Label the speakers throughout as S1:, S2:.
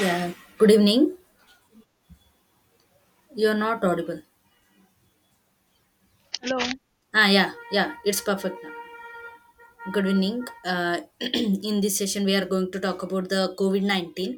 S1: Yeah, good evening. You're not audible.
S2: Hello.
S1: Yeah, it's perfect now. Good evening. In this session, we are going to talk about the COVID 19.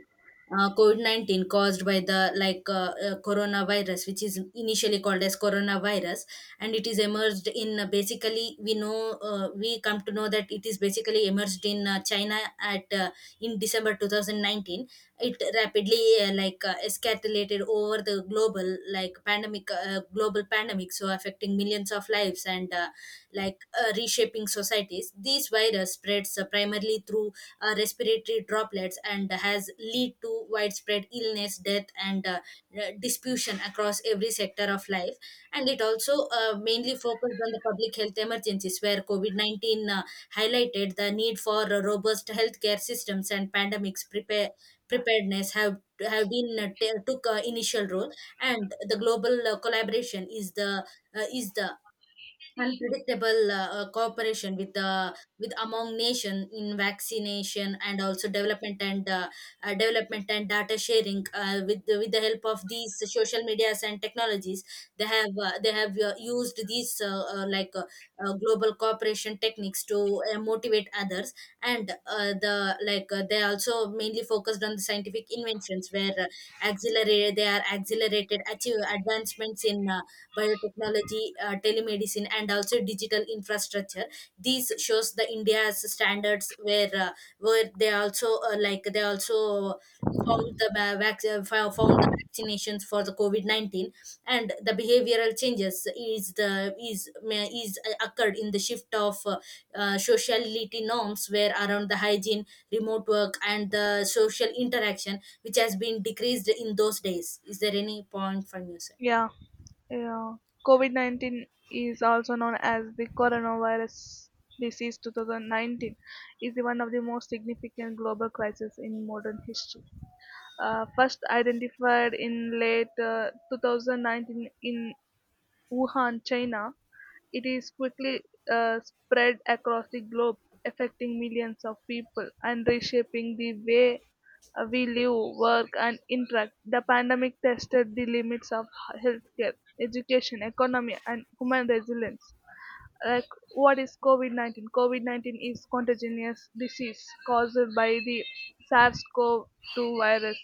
S1: COVID 19 caused by the coronavirus, which is initially called as coronavirus, and it is emerged in basically we know we come to know that it is basically emerged in China at in December 2019. It rapidly escalated over the global pandemic, so affecting millions of lives and reshaping societies. This virus spreads primarily through respiratory droplets and has lead to widespread illness, death, and dispersion across every sector of life. And it also mainly focused on the public health emergencies, where COVID 19 highlighted the need for robust healthcare systems and pandemics prepare preparedness have been took initial role, and the global collaboration is the unpredictable cooperation with among nation in vaccination and also development and development and data sharing with the help of these social medias and technologies. They have used these uh, like uh, global cooperation techniques to motivate others, and they also mainly focused on the scientific inventions where accelerate they are accelerated achieve advancements in biotechnology, telemedicine, and also digital infrastructure. These shows the India's standards where they also they also found the vaccinations for the COVID 19, and the behavioral changes is occurred in the shift of sociality norms where around the hygiene, remote work, and the social interaction which has been decreased in those days. Is there any point from your side?
S2: Yeah. Yeah. COVID-19 is also known as the coronavirus disease 2019 is the one of the most significant global crises in modern history. First identified in late 2019 in Wuhan, China. It is quickly spread across the globe, affecting millions of people and reshaping the way we live, work, and interact. The pandemic tested the limits of healthcare, education, economy, and human resilience. Like, what is COVID 19? COVID 19 is contagious disease caused by the SARS CoV 2 virus.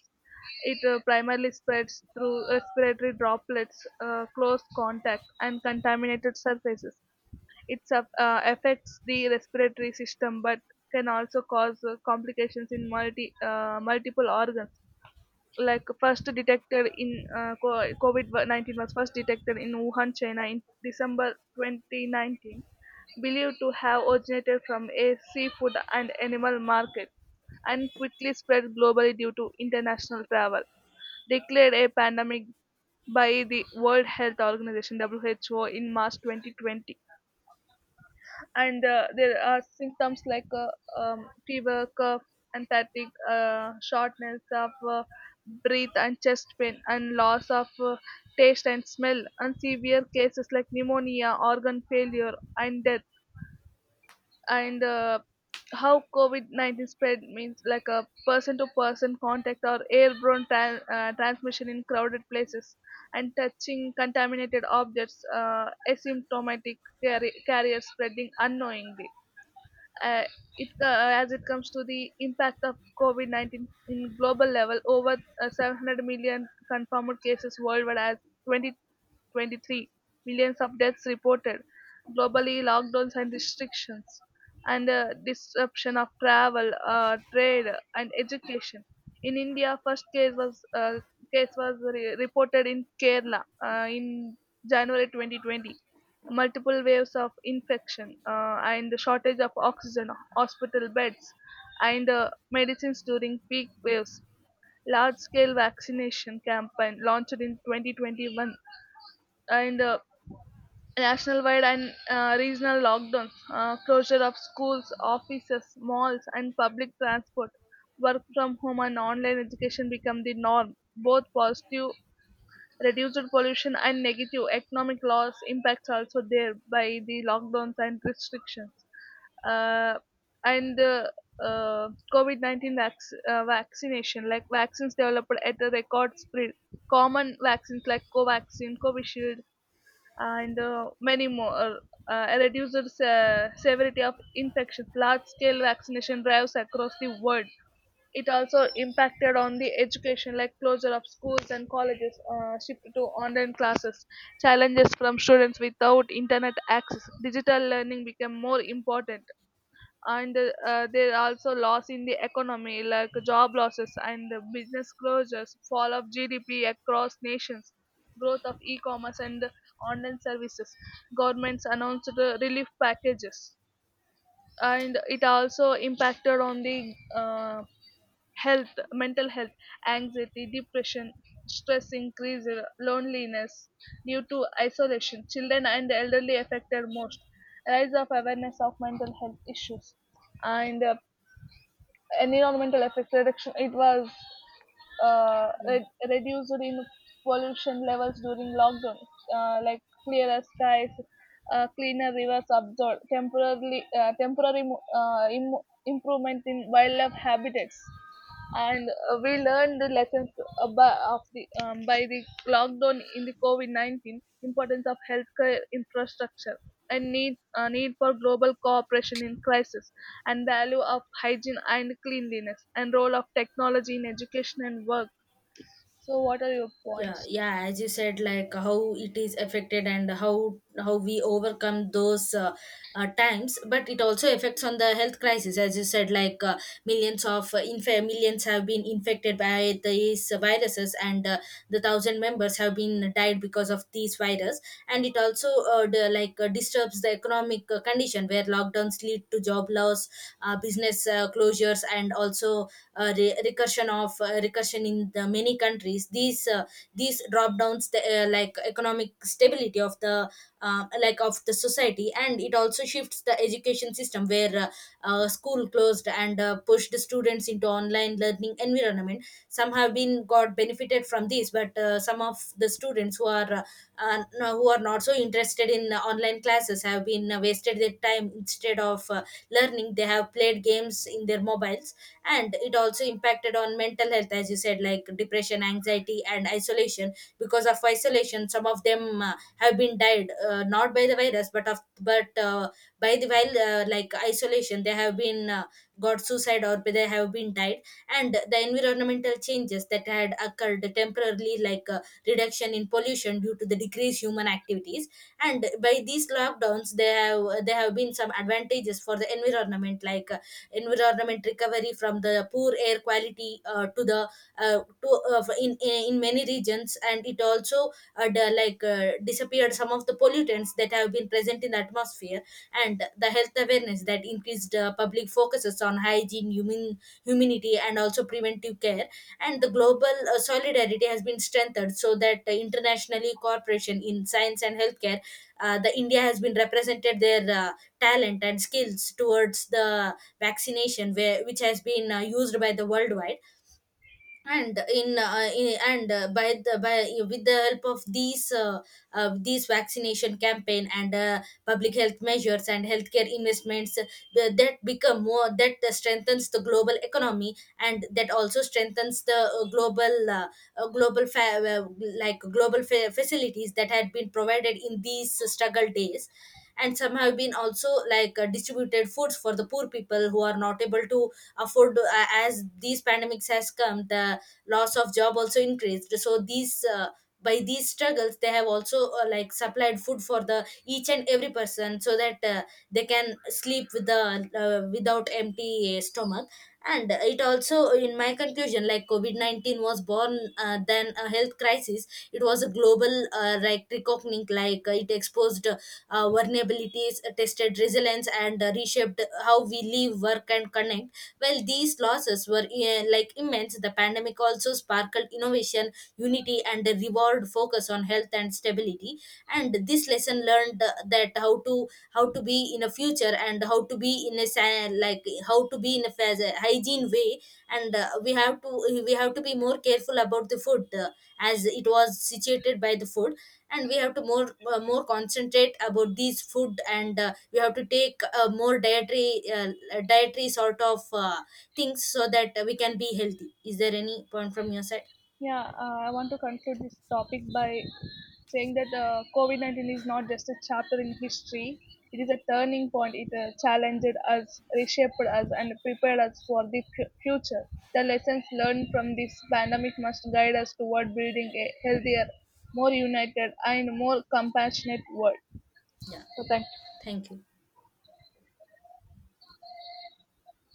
S2: It primarily spreads through respiratory droplets, close contact, and contaminated surfaces. It affects the respiratory system, but can also cause complications in multiple organs. Like, first detected in co- COVID 19 was first detected in Wuhan, China, in December 2019, believed to have originated from a seafood and animal market, and quickly spread globally due to international travel. Declared a pandemic by the World Health Organization WHO in March 2020. And there are symptoms like fever, cough, and fatigue, shortness of breath and chest pain, and loss of taste and smell, and severe cases like pneumonia, organ failure, and death. And how COVID 19 spread means like a person to person contact or airborne transmission in crowded places, and touching contaminated objects, asymptomatic carrier spreading unknowingly. uh, it co- as it comes to the impact of COVID 19 in global level, over 700 million confirmed cases worldwide as 2023, millions of deaths reported globally, lockdowns and restrictions, and disruption of travel, trade, and education. In India, first case was reported in Kerala in January 2020. Multiple waves of infection, and the shortage of oxygen, hospital beds, and medicines during peak waves. Large scale vaccination campaign launched in 2021, and nationwide and regional lockdowns, closure of schools, offices, malls, and public transport. Work from home and online education become the norm. Both positive, reduced pollution, and negative economic loss impacts also there by the lockdowns and restrictions. Uh, and the uh, COVID 19 vaccination, like vaccines developed at a record speed, common vaccines like Covaxin, Covishield, and many more. Reduces severity of infections. Large-scale vaccination drives across the world. It also impacted on the education, like closure of schools and colleges, shift to online classes, challenges from students without internet access. Digital learning became more important. And there are also loss in the economy, like job losses and the business closures, fall of GDP across nations, growth of e-commerce and online services. Governments announced the relief packages. And it also impacted on the health, mental health, anxiety, depression, stress increase, loneliness due to isolation. Children and elderly affected most. Rise of awareness of mental health issues. And environmental effects. Reduction, it was
S1: Yeah.
S2: reduced in pollution levels during lockdown, like clearer skies, cleaner rivers absorbed temporarily, improvement in wildlife habitats. And we learned the lessons by the lockdown in the COVID-19. Importance of healthcare infrastructure, and need for global cooperation in crisis, and value of hygiene and cleanliness, and role of technology in education and work. So what are your
S1: yeah
S2: points?
S1: yeah as you said, like how it is affected and how we overcome those times, but it also affects on the health crisis as you said, like millions have been infected by these viruses, and the thousand members have been died because of these virus. And it also disturbs the economic condition where lockdowns lead to job loss, business closures, and also recursion in the many countries. These these drop downs the economic stability of the of the society. And it also shifts the education system where school closed and pushed students into online learning environment. Some have been got benefited from this, but some of the students who are who are not so interested in online classes have been wasted their time instead of learning. They have played games in their mobiles. And it also impacted on mental health, as you said, like depression, anxiety, and isolation. Because of isolation, some of them have been died, not by the virus, but of but by the while like isolation they have been got suicide or they have been died. And the environmental changes that had occurred temporarily, like reduction in pollution due to the decreased human activities. And by these lockdowns, there have been some advantages for the environment, like environment recovery from the poor air quality to in many regions. And it also the, like disappeared some of the pollutants that have been present in the atmosphere. And the health awareness that increased public focuses on hygiene, humanity, and also preventive care. And the global solidarity has been strengthened, so that internationally cooperation in science and healthcare. The India has been represented their talent and skills towards the vaccination, where, which has been used by the worldwide. And in and by the by with the help of these vaccination campaign and public health measures and healthcare investments that become more that strengthens the global economy, and that also strengthens the uh, global fa- uh, global facilities that had been provided in these struggle days. And some have been also, like distributed foods for the poor people who are not able to afford. As these pandemics has come, the loss of job also increased, so these by these struggles they have also supplied food for the each and every person, so that they can sleep with the without empty stomach. And it also, in my conclusion, like covid-19 was born than a health crisis. It was a global reckoning. It exposed vulnerabilities, tested resilience, and reshaped how we live, work, and connect. While these losses were immense, the pandemic also sparkled innovation, unity, and a reward focus on health and stability. And this lesson learned, that how to be in a future, and how to be in a how to be in a hygiene way. And we have to be more careful about the food, as it was situated by the food. And we have to more, more concentrate about these food. And we have to take more dietary sort of things, so that we can be healthy. Is there any point from your side?
S2: Yeah, I want to conclude this topic by saying that COVID 19 is not just a chapter in history, it is a turning point. It challenged us, reshaped us, and prepared us for the future. The lessons learned from this pandemic must guide us toward building a healthier, more united, and more compassionate world.
S1: Yeah.
S2: So, thank
S1: Thank you.